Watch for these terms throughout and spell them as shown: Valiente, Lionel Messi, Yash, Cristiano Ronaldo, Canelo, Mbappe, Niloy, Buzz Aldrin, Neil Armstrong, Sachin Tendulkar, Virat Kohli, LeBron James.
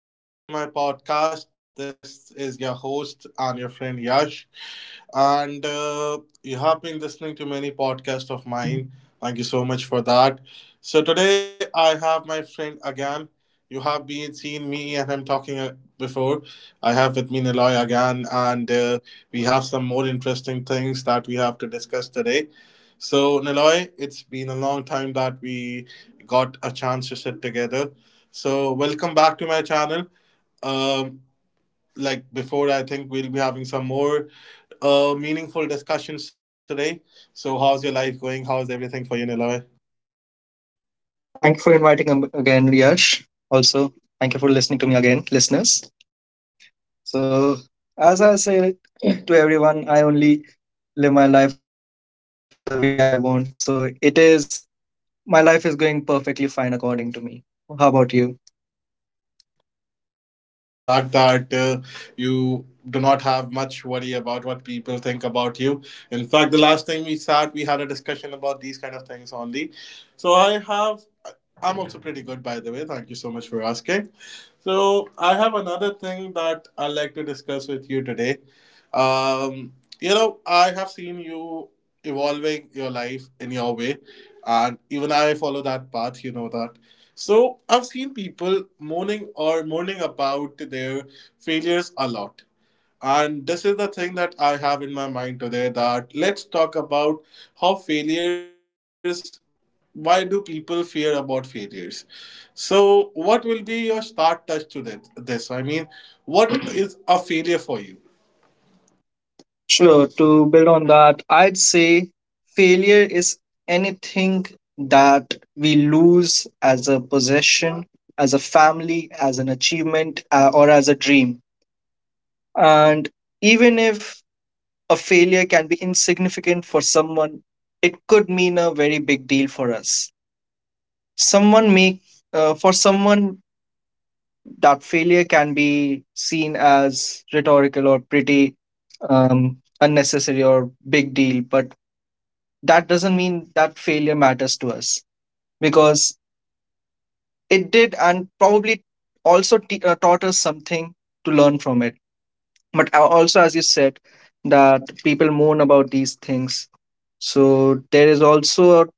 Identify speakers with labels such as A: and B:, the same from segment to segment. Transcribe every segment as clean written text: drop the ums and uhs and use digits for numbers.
A: Welcome back to my podcast. This is your host and your friend Yash. And You have been listening to many podcasts of mine. Thank you so much for that. So, today I have my friend again. You have been seeing me and him talking before. I have with me Niloy again, and we have some more interesting things that we have to discuss today. So, Niloy, it's been a long time that we got a chance to sit together. So, welcome back to my channel. Um, like before, I think we'll be having some more meaningful discussions today. So, how's your life going? How's everything for you, Niloy?
B: Thank you for inviting him again, Yash. Also, thank you for listening to me again, listeners. So, as I say to everyone, I only live my life the way I want. So, it is my life is going perfectly fine according to me. How about you?
A: Well, definitely, Niloy. I'm pretty aware of that fact that you do not have much worry about what people think about you. In fact, the last time we sat, we had a discussion about these kind of things only. So I have, I'm also pretty good, by the way. Thank you so much for asking. So I have another thing that I'd like to discuss with you today. Um, you know, I have seen you evolving your life in your way, and even I follow that path, you know that. So I've seen people moaning or moaning about their failures a lot. And this is the thing that I have in my mind today, that let's talk about how failures, why do people fear about failures? So what will be your start touch to that this? I mean, what is a failure for you?
B: Sure. To build on that, I'd say failure is anything that we lose as a possession, as a family, as an achievement, or as a dream. And even if a failure can be insignificant for someone, it could mean a very big deal for us. Someone may, for someone that failure can be seen as rhetorical or pretty unnecessary or big deal, but that doesn't mean that failure matters to us because it did, and probably also taught us something to learn from it. But also, as you said, that people moan about these things, so there is also a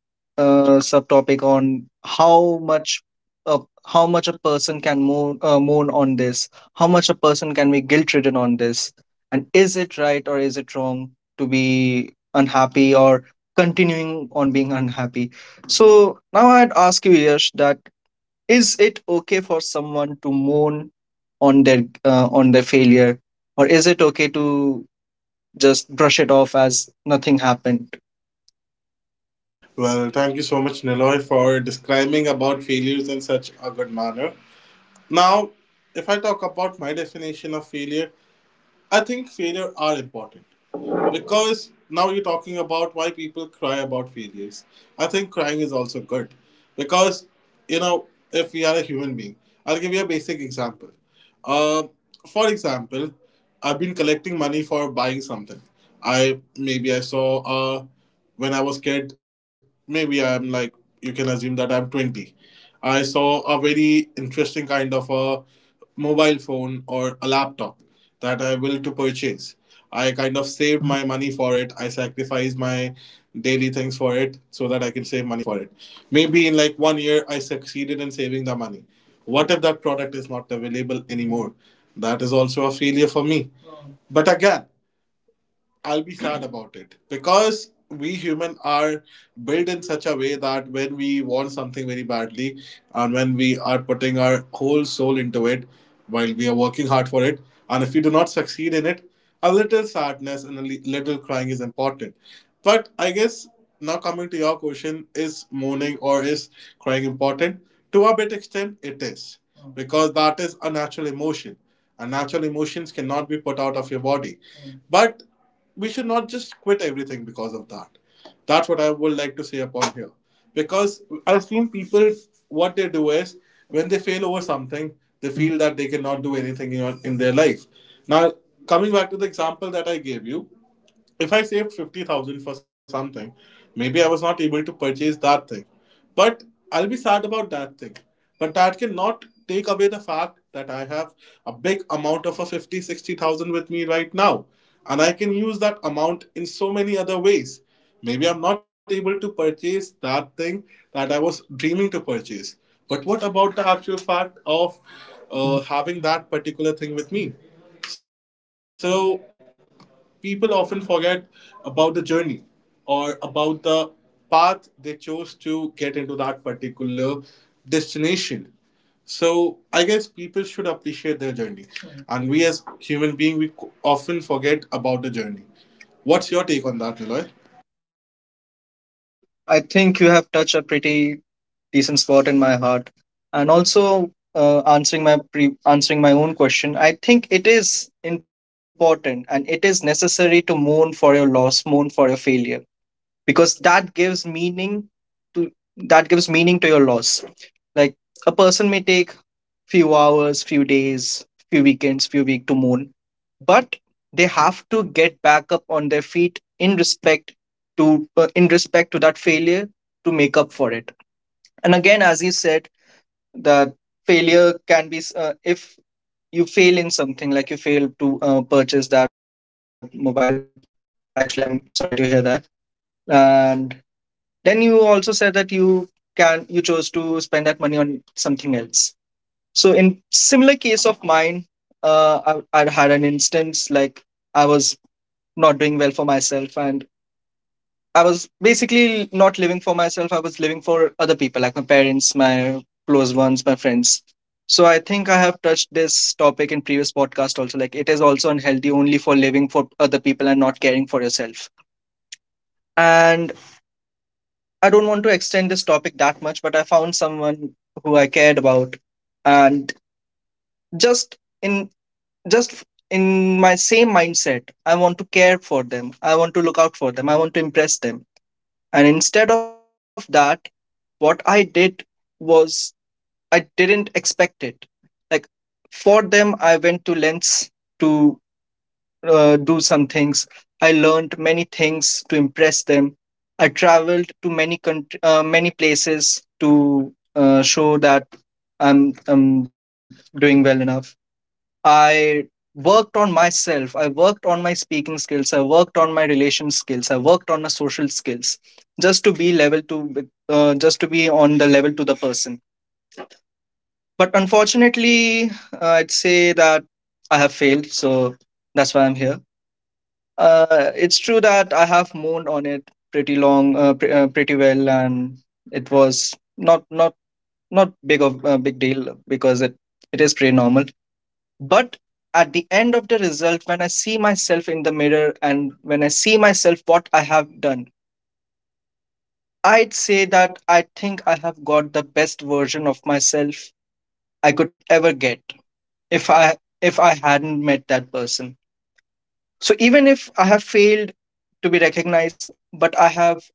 B: subtopic on how much uh, how much a person can moan, moan on this, how much a person can be guilt ridden on this, and is it right or is it wrong to be unhappy or continuing on being unhappy. So now I'd ask you, Yash, that is it okay for someone to moan on their failure, or is it okay to just brush it off as nothing happened?
A: Well, thank you so much, Niloy, for describing about failures in such a good manner. Now, if I talk about my definition of failure, I think failure are important. Because now you're talking about why people cry about failures. I think crying is also good. Because, you know, if we are a human being, I'll give you a basic example. Uh, for example, I've been collecting money for buying something. I maybe I saw when I was kid. Maybe I'm like You can assume that I'm 20. I saw a very interesting kind of a mobile phone or a laptop that I will to purchase. I kind of saved my money for it. I sacrificed my daily things for it so that I can save money for it. Maybe in like 1 year, I succeeded in saving the money. What if that product is not available anymore? That is also a failure for me. But again, I'll be sad about it, because we human are built in such a way that when we want something very badly, and when we are putting our whole soul into it, while we are working hard for it, and if we do not succeed in it, a little sadness and a little crying is important. But I guess, now coming to your question, is mourning or is crying important? To a bit extent, it is, because that is a natural emotion, and natural emotions cannot be put out of your body. But we should not just quit everything because of that. That's what I would like to say upon here. Because I've seen people, what they do is, when they fail over something, they feel that they cannot do anything in their life. Now, coming back to the example that I gave you, if I saved 50,000 for something, maybe I was not able to purchase that thing. But I'll be sad about that thing. But that cannot take away the fact that I have a big amount of a 50, 60,000 with me right now. And I can use that amount in so many other ways. Maybe I'm not able to purchase that thing that I was dreaming to purchase. But what about the actual fact of having that particular thing with me? So people often forget about the journey, or about the path they chose to get into that particular destination. So I guess people should appreciate their journey. Mhm. And we as human being, we often forget about the journey. What's your take on that, Niloy?
B: uh, I think you have touched a pretty decent spot in my heart. And also, answering my answering my own question, I think it is important and it is necessary to mourn for your loss, mourn for your failure, because that gives meaning to that gives meaning to your loss. Like a person may take few hours, few days, few weekends, few week to moon. But they have to get back up on their feet in respect to that failure to make up for it. And again, as you said, that failure can be if you fail in something, like you fail to purchase that mobile. Actually, I'm sorry to hear that. And then you also said that you chose to spend that money on something else. So in similar case of mine, I had an instance like I was not doing well for myself, and I was basically not living for myself. I was living for other people, like my parents, my close ones, my friends. So I think I have touched this topic in previous podcast also. Like, it is also unhealthy only for living for other people and not caring for yourself. And I don't want to extend this topic that much, but I found someone who I cared about, and just in just in my same mindset, I want to care for them, I want to look out for them, I want to impress them. And instead of that, what I did was I didn't expect it. Like, for them, I went to lengths to do some things. I learned many things to impress them. I traveled to many country, many places to show that I'm doing well enough. I worked on myself. I worked on my speaking skills. I worked on my relation skills. I worked on my social skills just to be level to, just to be on the level to the person. But unfortunately, I'd say that I have failed. So that's why I'm here. It's true that I have moaned on it pretty long, pretty well, and it was not not big of big deal because it is pretty normal. But at the end of the result, when I see myself in the mirror and when I see myself what I have done, I'd say that I think I have got the best version of myself I could ever get if I hadn't met that person. So even if I have failed to be recognized, but I have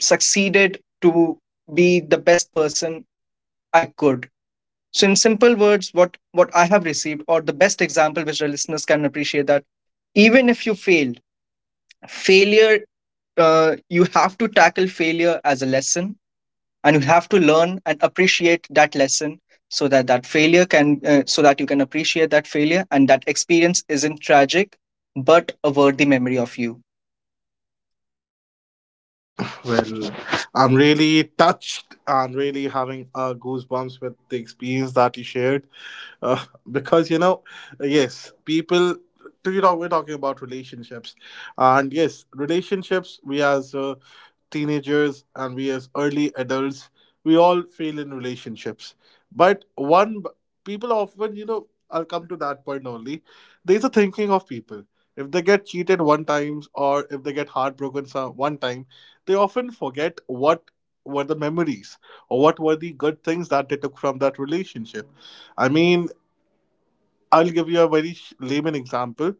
B: succeeded to be the best person I could. So in simple words, what I have received, or the best example which our listeners can appreciate, that even if you failed, failure you have to tackle failure as a lesson, and you have to learn and appreciate that lesson so that that failure can so that you can appreciate that failure and that experience isn't tragic but a worthy memory of you.
A: Well, I'm really touched and really having goosebumps with the experience that you shared. Uh, because, you know, yes, people, to, you know, we're talking about relationships. And yes, relationships, we as teenagers, and we as early adults, we all fail in relationships. But one people often, you know, I'll come to that point only. There's a thinking of people, if they get cheated one time or if they get heartbroken some one time, they often forget what were the memories or what were the good things that they took from that relationship. I mean, I'll give you a very layman example.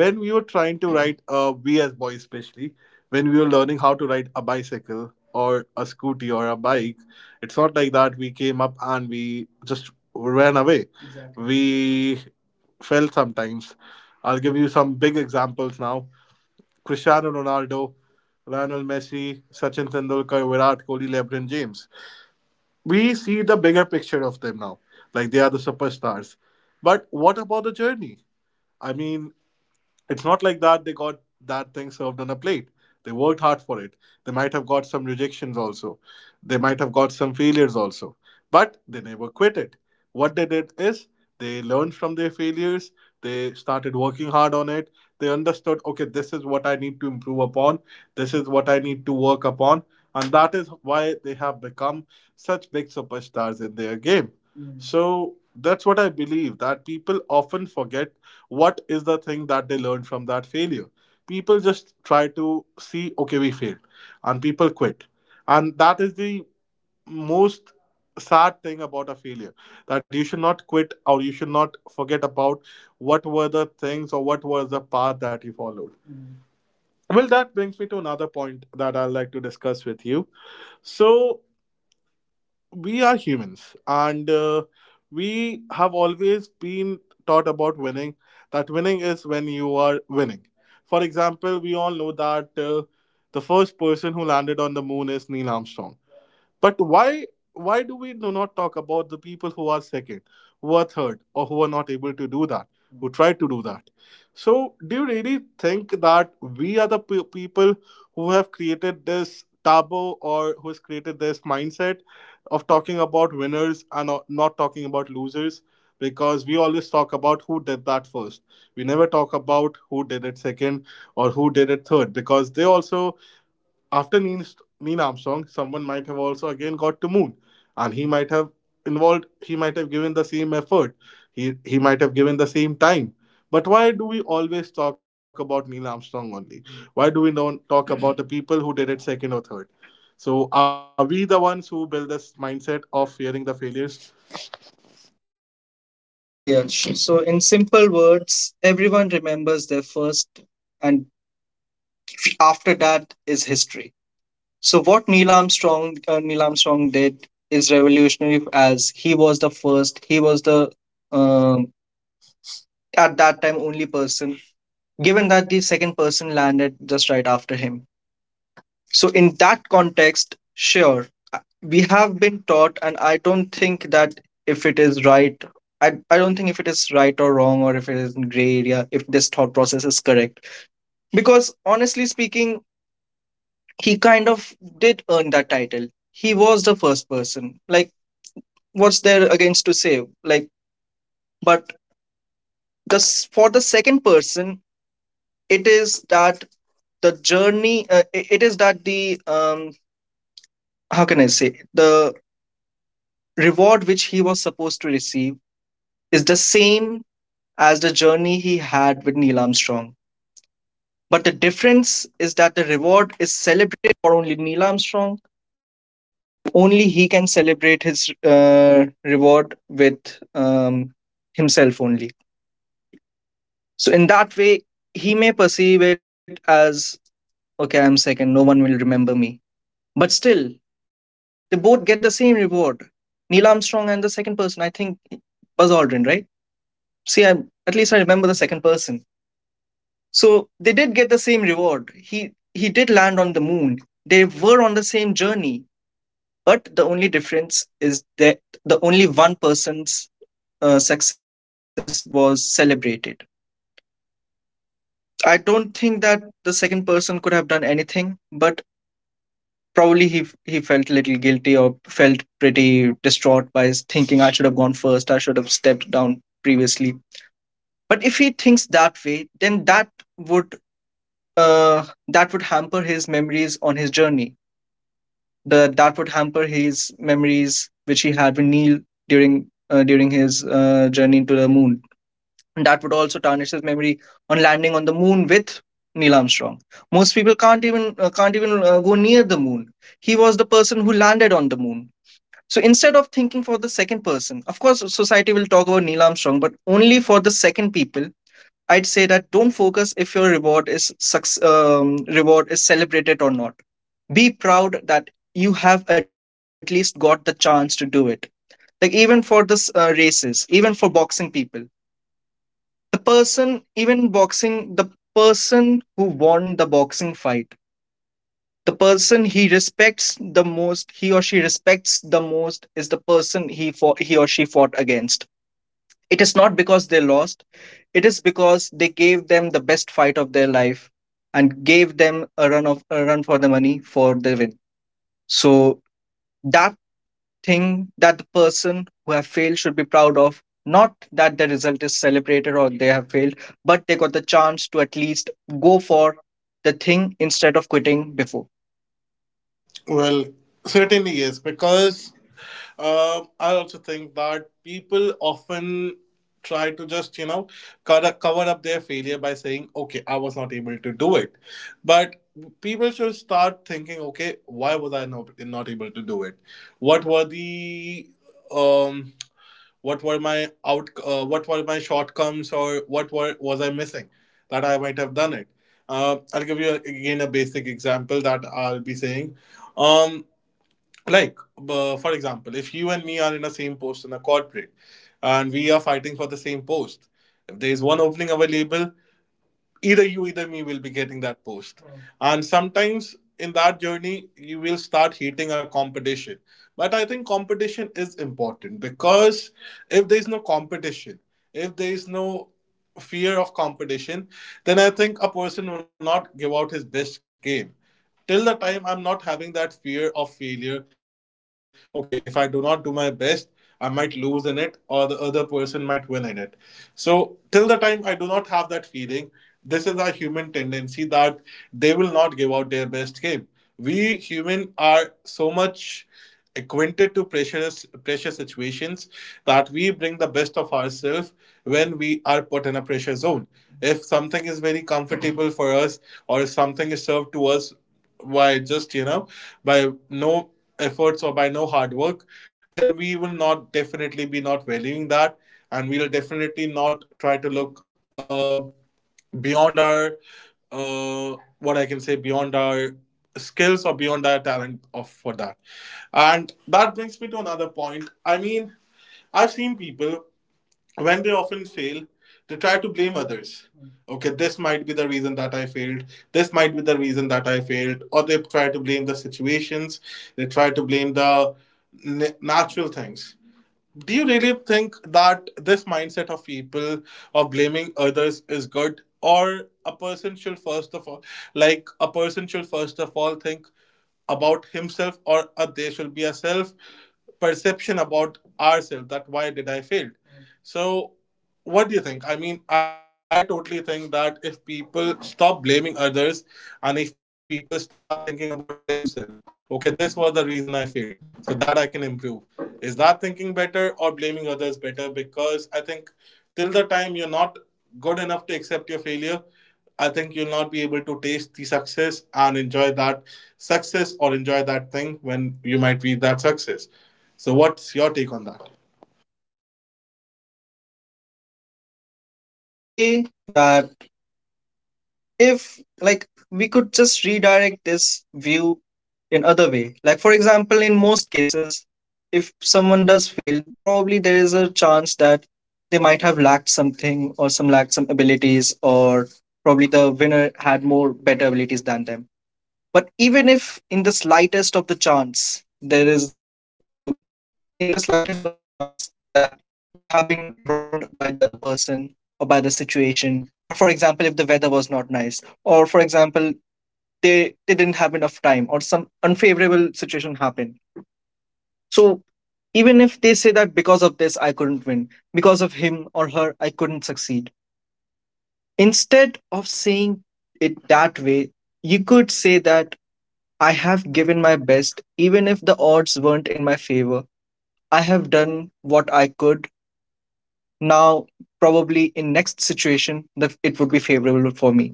A: When we were trying to write we as boys especially, when we were learning how to ride a bicycle or a scooty or a bike, it's not like that we came up and we just ran away. We fell sometimes. I'll give you some big examples now. Cristiano Ronaldo, Lionel Messi, Sachin Tendulkar, Virat Kohli, LeBron James. We see the bigger picture of them now, like they are the superstars. But what about the journey? I mean, it's not like that they got that thing served on a plate. They worked hard for it. They might have got some rejections also. They might have got some failures also. But they never quit it. What they did is they learned from their failures. They started working hard on it. They understood, okay, this is what I need to improve upon. This is what I need to work upon. And that is why they have become such big superstars in their game. Mm. So that's what I believe, that people often forget what is the thing that they learned from that failure. People just try to see, okay, we failed, and people quit. And that is the most sad thing about a failure, that you should not quit or you should not forget about what were the things or what was the path that you followed. Well, that brings me to another point that I'd like to discuss with you. So we are humans, and we have always been taught about winning, that winning is when you are winning. For example, we all know that the first person who landed on the moon is Neil Armstrong. But why do we do not talk about the people who are second, who are third, or who are not able to do that, who try to do that? So, do you really think that we are the people who have created this taboo, or who has created this mindset of talking about winners and not talking about losers? Because we always talk about who did that first. We never talk about who did it second or who did it third. Because they also, after Neil, Neil Armstrong, someone might have also again got to moon, and he might have involved. He might have given the same effort. He might have given the same time. But why do we always talk about Neil Armstrong only? Why do we do not talk about the people who did it second or third? So are we the ones who build this mindset of fearing the failures?
B: Sure, Yash. So in simple words, everyone remembers their first, and after that is history. So what Neil Armstrong did is revolutionary, as he was the first. He was the um, at that time only person, given that the second person landed just right after him. So, in that context, sure, we have been taught, and I don't think that if it is right, I don't think if it is right or wrong, or if it is in gray area, if this thought process is correct. Because honestly speaking, he kind of did earn that title. He was the first person. Like, what's there against to say? Like, but this for the second person, it is that the journey it is that the um how can I say the reward which he was supposed to receive is the same as the journey he had with Neil Armstrong. But the difference is that the reward is celebrated for only Neil Armstrong. Only he can celebrate his uh, reward with um, himself only. So in that way he may perceive it as, okay, I'm second, no one will remember me. But still, they both get the same reward. Neil Armstrong and the second person, I think Buzz Aldrin, right? See, at least I remember the second person. So they did get the same reward. He did land on the moon. They were on the same journey, but the only difference is that the only one person's success was celebrated. I don't think that the second person could have done anything, but probably he felt a little guilty or felt pretty distraught by his thinking, I should have gone first, I should have stepped down previously. But if he thinks that way, then would that would hamper his memories on his journey, that would hamper his memories which he had with Neil during during his journey to the moon. And that would also tarnish his memory on landing on the moon with Neil Armstrong. Most people can't even go near the moon. He was the person who landed on the moon. So instead of thinking for the second person, of course society will talk about Neil Armstrong, but only for the second people, I'd say that don't focus if your reward is celebrated or not. Be proud that you have at least got the chance to do it. Like even for this races, even for boxing people, the person who won the boxing fight, the person he or she respects the most is the person he or she fought against. It is not because they lost, it is because they gave them the best fight of their life and gave them a run of a run for the money for the win. So that thing that the person who have failed should be proud of, not that the result is celebrated or they have failed, but they got the chance to at least go for the thing instead of quitting before.
A: Well, certainly yes, because I also think that people often try to just, you know, cover up their failure by saying, okay, I was not able to do it. But people should start thinking, okay, why was I not able to do it? What were the. Um, what were my out what were my shortcomings, or what were was I missing, that I might have done it? I'll give you again a basic example that I'll be saying. um like for example, if you and me are in the same post in a corporate, and we are fighting for the same post, if there is one opening available, either you either me will be getting that post. Mm. And sometimes in that journey, you will start hating our competition. But I think competition is important, because if there is no competition, if there is no fear of competition, then I think a person will not give out his best game. Till the time I'm not having that fear of failure, okay, if I do not do my best, I might lose in it, or the other person might win in it. So till the time I do not have that feeling, this is our human tendency, that they will not give out their best game. We human are so much acquainted to precious pressure situations that we bring the best of ourselves when we are put in a pressure zone. If something is very comfortable for us, or if something is served to us by just by no efforts or by no hard work, then we will not definitely be not valuing that. And we will definitely not try to look beyond our what I can say, beyond our skills or beyond our talent of for that. And that brings me to another point. I mean, I've seen people when they often fail, they try to blame others. Okay, this might be the reason that I failed, this might be the reason that I failed, or they try to blame the situations, they try to blame the natural things. Do you really think that this mindset of people of blaming others is good, or a person should first of all, like a person should first of all think about himself, or there should be a self perception about ourselves, that why did I fail? So what do you think? I mean, I totally think that if people stop blaming others and if people start thinking about themselves, okay, this was the reason I failed, so that I can improve. Is that thinking better or blaming others better? Because I think till the time you're not good enough to accept your failure, I think you'll not be able to taste the success and enjoy that success, or enjoy that thing when you might reach that success. So, what's your take on that?
B: Uh, sure. So I'd say that if, like, we could just redirect this view in other way. Like, for example, in most cases, if someone does fail, probably there is a chance that they might have lacked something, or some lacked some abilities, or probably the winner had more better abilities than them. But even if in the slightest of the chance there is a in the slightest of the chance that they have been wronged by the other person or by the situation, or for example if the weather was not nice, or for example they didn't have enough time or some unfavorable situation happened. So even if they say that because of this I couldn't win, because of him or her I couldn't succeed, instead of saying it that way, you could say that I have given my best even if the odds weren't in my favor. I have done what I could. Now, probably in next situation, it would be favorable for me.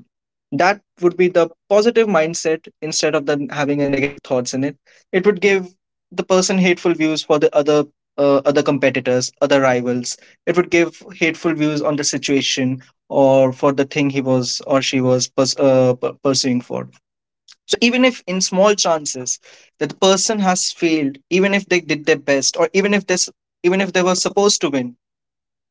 B: That would be the positive mindset instead of the having a negative thoughts in it. It would give the person hateful views for the other competitors, other rivals. It would give hateful views on the situation or for the thing he was or she was pursuing for. So even if in small chances that the person has failed, even if they did their best, or even if this, even if they were supposed to win,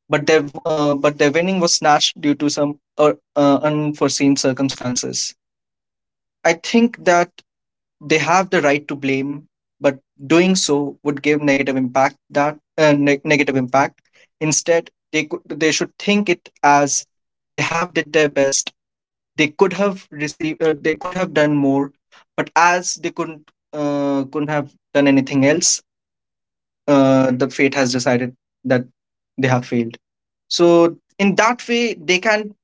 B: but their winning was snatched due to some unforeseen circumstances. I think that they have the right to blame, but doing so would give negative impact that neg negative impact. Instead, they should think it as they have did their best. They could have done more, but as they couldn't have done anything else, the fate has decided that they have failed, so in that way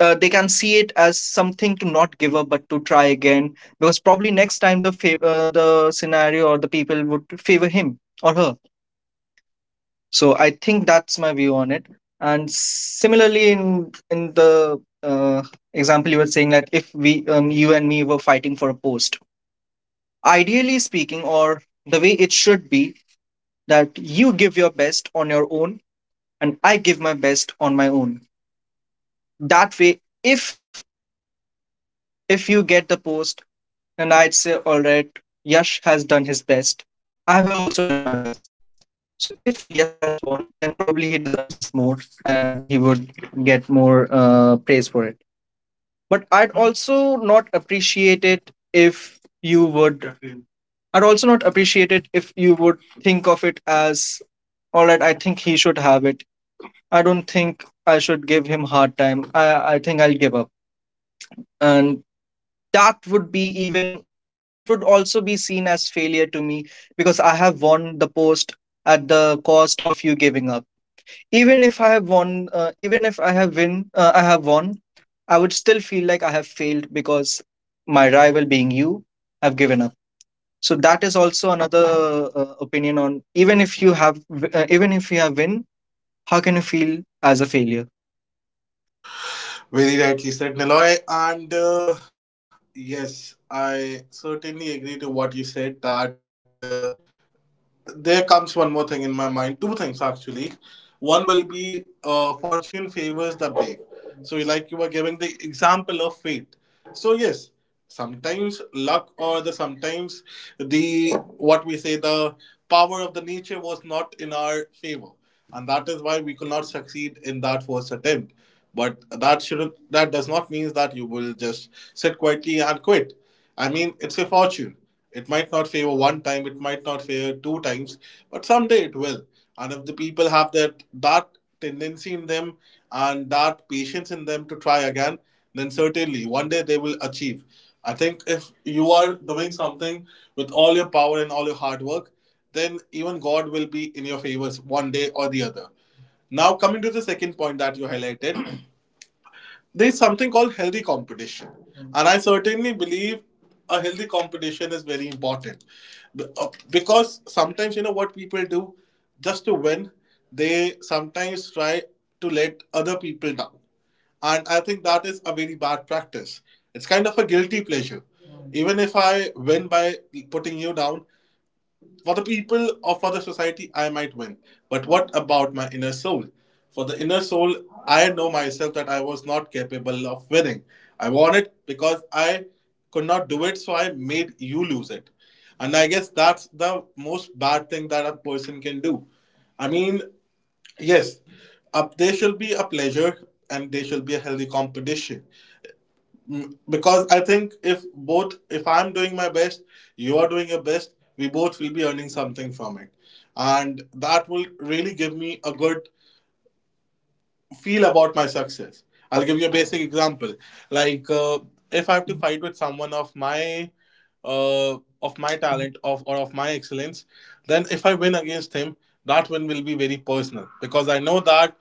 B: they can see it as something to not give up but to try again, because probably next time the the scenario or the people would favor him or her. So I think that's my view on it. And similarly, in the uh, example you were saying, that if we you and me were fighting for a post, ideally speaking, or the way it should be, that you give your best on your own and I give my best on my own. That way, if you get the post, then I'd say, all right, Yash has done his best. I have also done my best. So if Yash has won, then probably he deserves this more, and he would get more praise for it. But I'd also not appreciate it if you would. I'd also not appreciate it if you would think of it as, all right, I think he should have it. I don't think I should give him hard time. I think I'll give up. And that would be even that would also be seen as failure to me, because I have won the post at the cost of you giving up. Even if I have won, even if I have win, I have won. I would still feel like I have failed, because my rival, being you, have given up. So that is also another opinion on, even if you have, even if you have win, how can you feel as a failure?
A: Very rightly said, Niloy. And yes, I certainly agree to what you said. That there comes one more thing in my mind. Two things actually. One will be fortune favors the brave. So, like you were giving the example of fate. So, yes, sometimes luck, or the sometimes the what we say, the power of the nature was not in our favor, and that is why we could not succeed in that first attempt. But that shouldn't, that does not mean that you will just sit quietly and quit. I mean, it's a fortune. It might not favor one time, it might not favor two times, but someday it will. And if the people have that tendency in them and that patience in them to try again, then certainly one day they will achieve. I think if you are doing something with all your power and all your hard work, then even God will be in your favors one day or the other. Now, coming to the second point that you highlighted, there is something called healthy competition. And I certainly believe a healthy competition is very important. Because sometimes, you know, what people do just to win, they sometimes try to let other people down. And I think that is a very bad practice. It's kind of a guilty pleasure. Even if I win by putting you down, for the people or for the society, I might win. But what about my inner soul? For the inner soul, I know myself that I was not capable of winning. I won it because I could not do it, so I made you lose it. And I guess that's the most bad thing that a person can do. I mean, yes, up there should be a pleasure and there should be a healthy competition. Mm, because I think if both, if I'm doing my best, you are doing your best, we both will be earning something from it. And that will really give me a good feel about my success. I'll give you a basic example. Like if I have to fight with someone of my talent of or of my excellence, then if I win against him, that win will be very personal, because I know that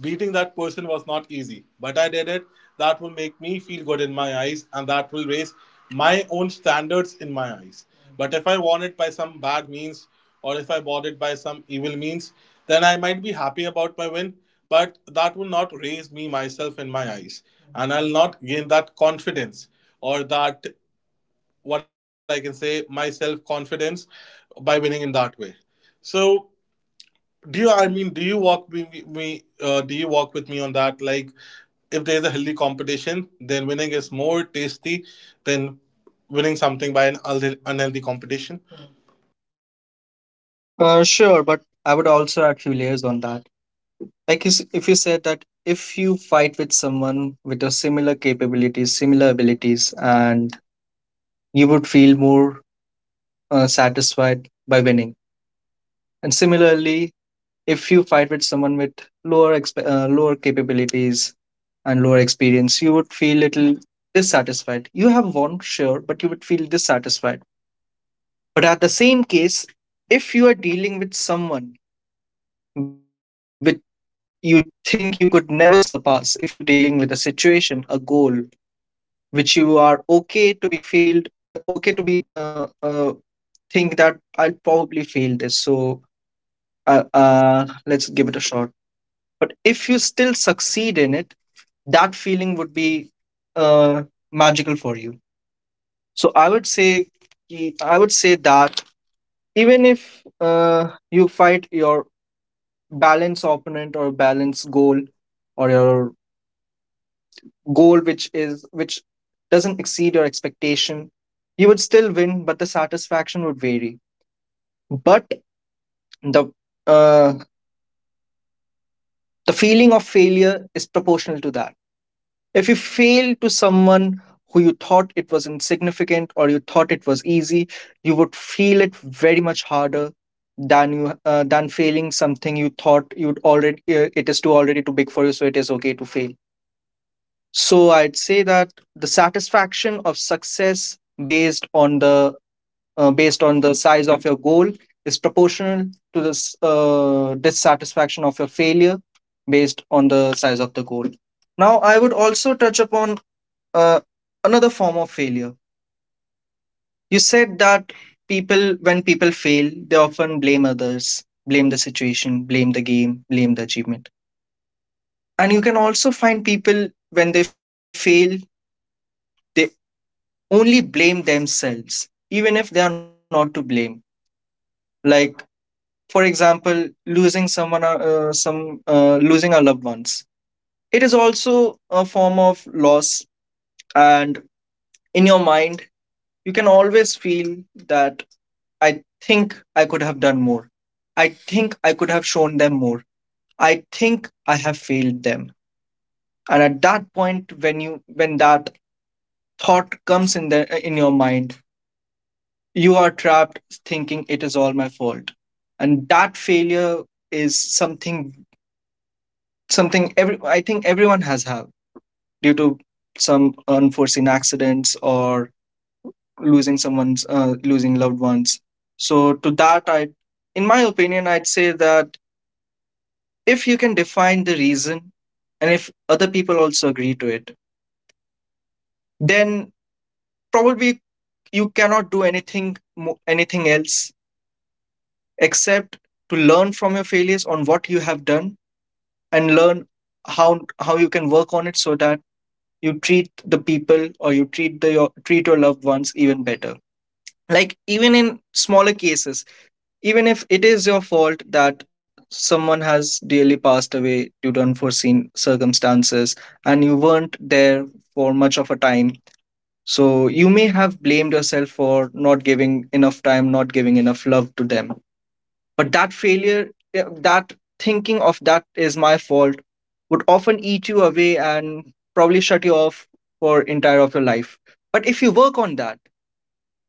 A: beating that person was not easy, but I did it. That will make me feel good in my eyes, and that will raise my own standards in my eyes. But if I won it by some bad means, or if I bought it by some evil means, then I might be happy about my win, but that will not raise me myself in my eyes. And I'll not gain that confidence or that, what I can say, my self confidence by winning in that way. So, do you, I mean, do you walk with me on that? Like, if there's a healthy competition, then winning is more tasty than winning something by an unhealthy competition.
B: Sure, but I would also add few layers on that. Like, if you said that if you fight with someone with a similar capabilities, similar abilities, and you would feel more satisfied by winning. And similarly, if you fight with someone with lower capabilities and lower experience, you would feel little dissatisfied. You have won, sure, but you would feel dissatisfied. But at the same case, if you are dealing with someone with you think you could never surpass, if you're dealing with a situation, a goal which you are okay to be failed, okay to be think that I'll probably fail this, so let's give it a shot. But if you still succeed in it, that feeling would be uh, magical for you. So I would say, ki- I would say that even if you fight your balance opponent or balance goal, or your goal which is which doesn't exceed your expectation, you would still win, but the satisfaction would vary. But the uh, the feeling of failure is proportional to that. If you fail to someone who you thought it was insignificant or you thought it was easy, you would feel it very much harder than you than failing something you thought you'd already it is too already too big for you, so it is okay to fail. So I'd say that the satisfaction of success based on the based on the size of your goal is proportional to the dissatisfaction of your failure based on the size of the goal. Now I would also touch upon uh, another form of failure. You said that people when people fail, they often blame others, blame the situation, blame the game, blame the achievement. And you can also find people when they fail, they only blame themselves, even if they are not to blame. Like, for example, losing someone, some losing our loved ones. It is also a form of loss. And in your mind, you can always feel that I think I could have done more. I think I could have shown them more. I think I have failed them. And at that point, when that thought comes in the in your mind, you are trapped thinking it is all my fault. And that failure is something every I think everyone has had, due to some unforeseen accidents or losing loved ones. So to that, I in my opinion, I'd say that if you can define the reason, and if other people also agree to it, then probably you cannot do anything else, except to learn from your failures on what you have done, and learn how you can work on it, so that you treat the people, or you treat treat your loved ones even better. Like, even in smaller cases, even if it is your fault that someone has really passed away due to unforeseen circumstances, and you weren't there for much of a time, so you may have blamed yourself for not giving enough time, not giving enough love to them. But that failure, that thinking of that is my fault, would often eat you away and probably shut you off for entire of your life. But if you work on that,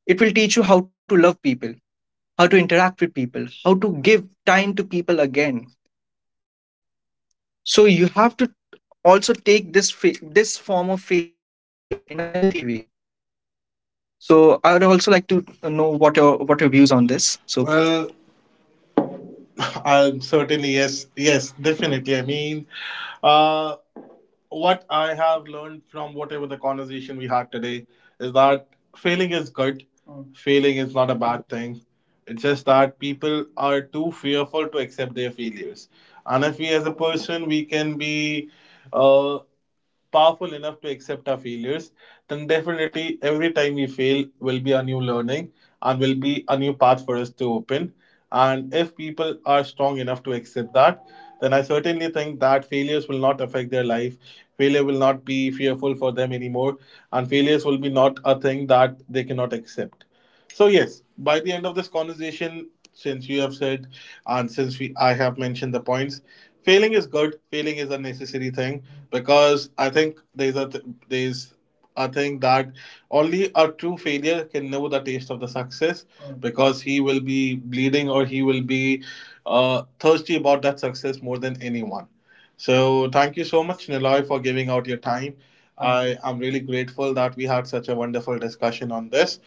B: it will teach you how to love people, how to interact with people, how to give time to people again. So you have to also take this form of failure in a healthy way. So I would also like to know what your views on this. So
A: Well, certainly yes, yes, definitely. I mean, uh, what I have learned from whatever the conversation we had today is that failing is good. Failing is not a bad thing. It's just that people are too fearful to accept their failures. And if we, as a person, we can be uh, powerful enough to accept our failures, then definitely every time we fail will be a new learning and will be a new path for us to open. And if people are strong enough to accept that, then I certainly think that failures will not affect their life. Failure will not be fearful for them anymore, and failures will be not a thing that they cannot accept. So yes, by the end of this conversation, since you have said and since we I have mentioned the points, failing is good. Failing is a necessary thing, because I think there's a thing that only a true failure can know the taste of the success. Mm. Because he will be bleeding, or he will be thirsty about that success more than anyone. So thank you so much, Niloy, for giving out your time. Mm. I am really grateful that we had such a wonderful discussion on this.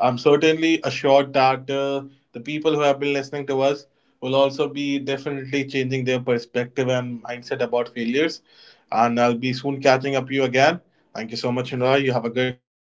A: I'm certainly assured that the people who have been listening to us will also be definitely changing their perspective and mindset about failures. And I'll be soon catching up you again. Thank you so much, Inra. You have a good day.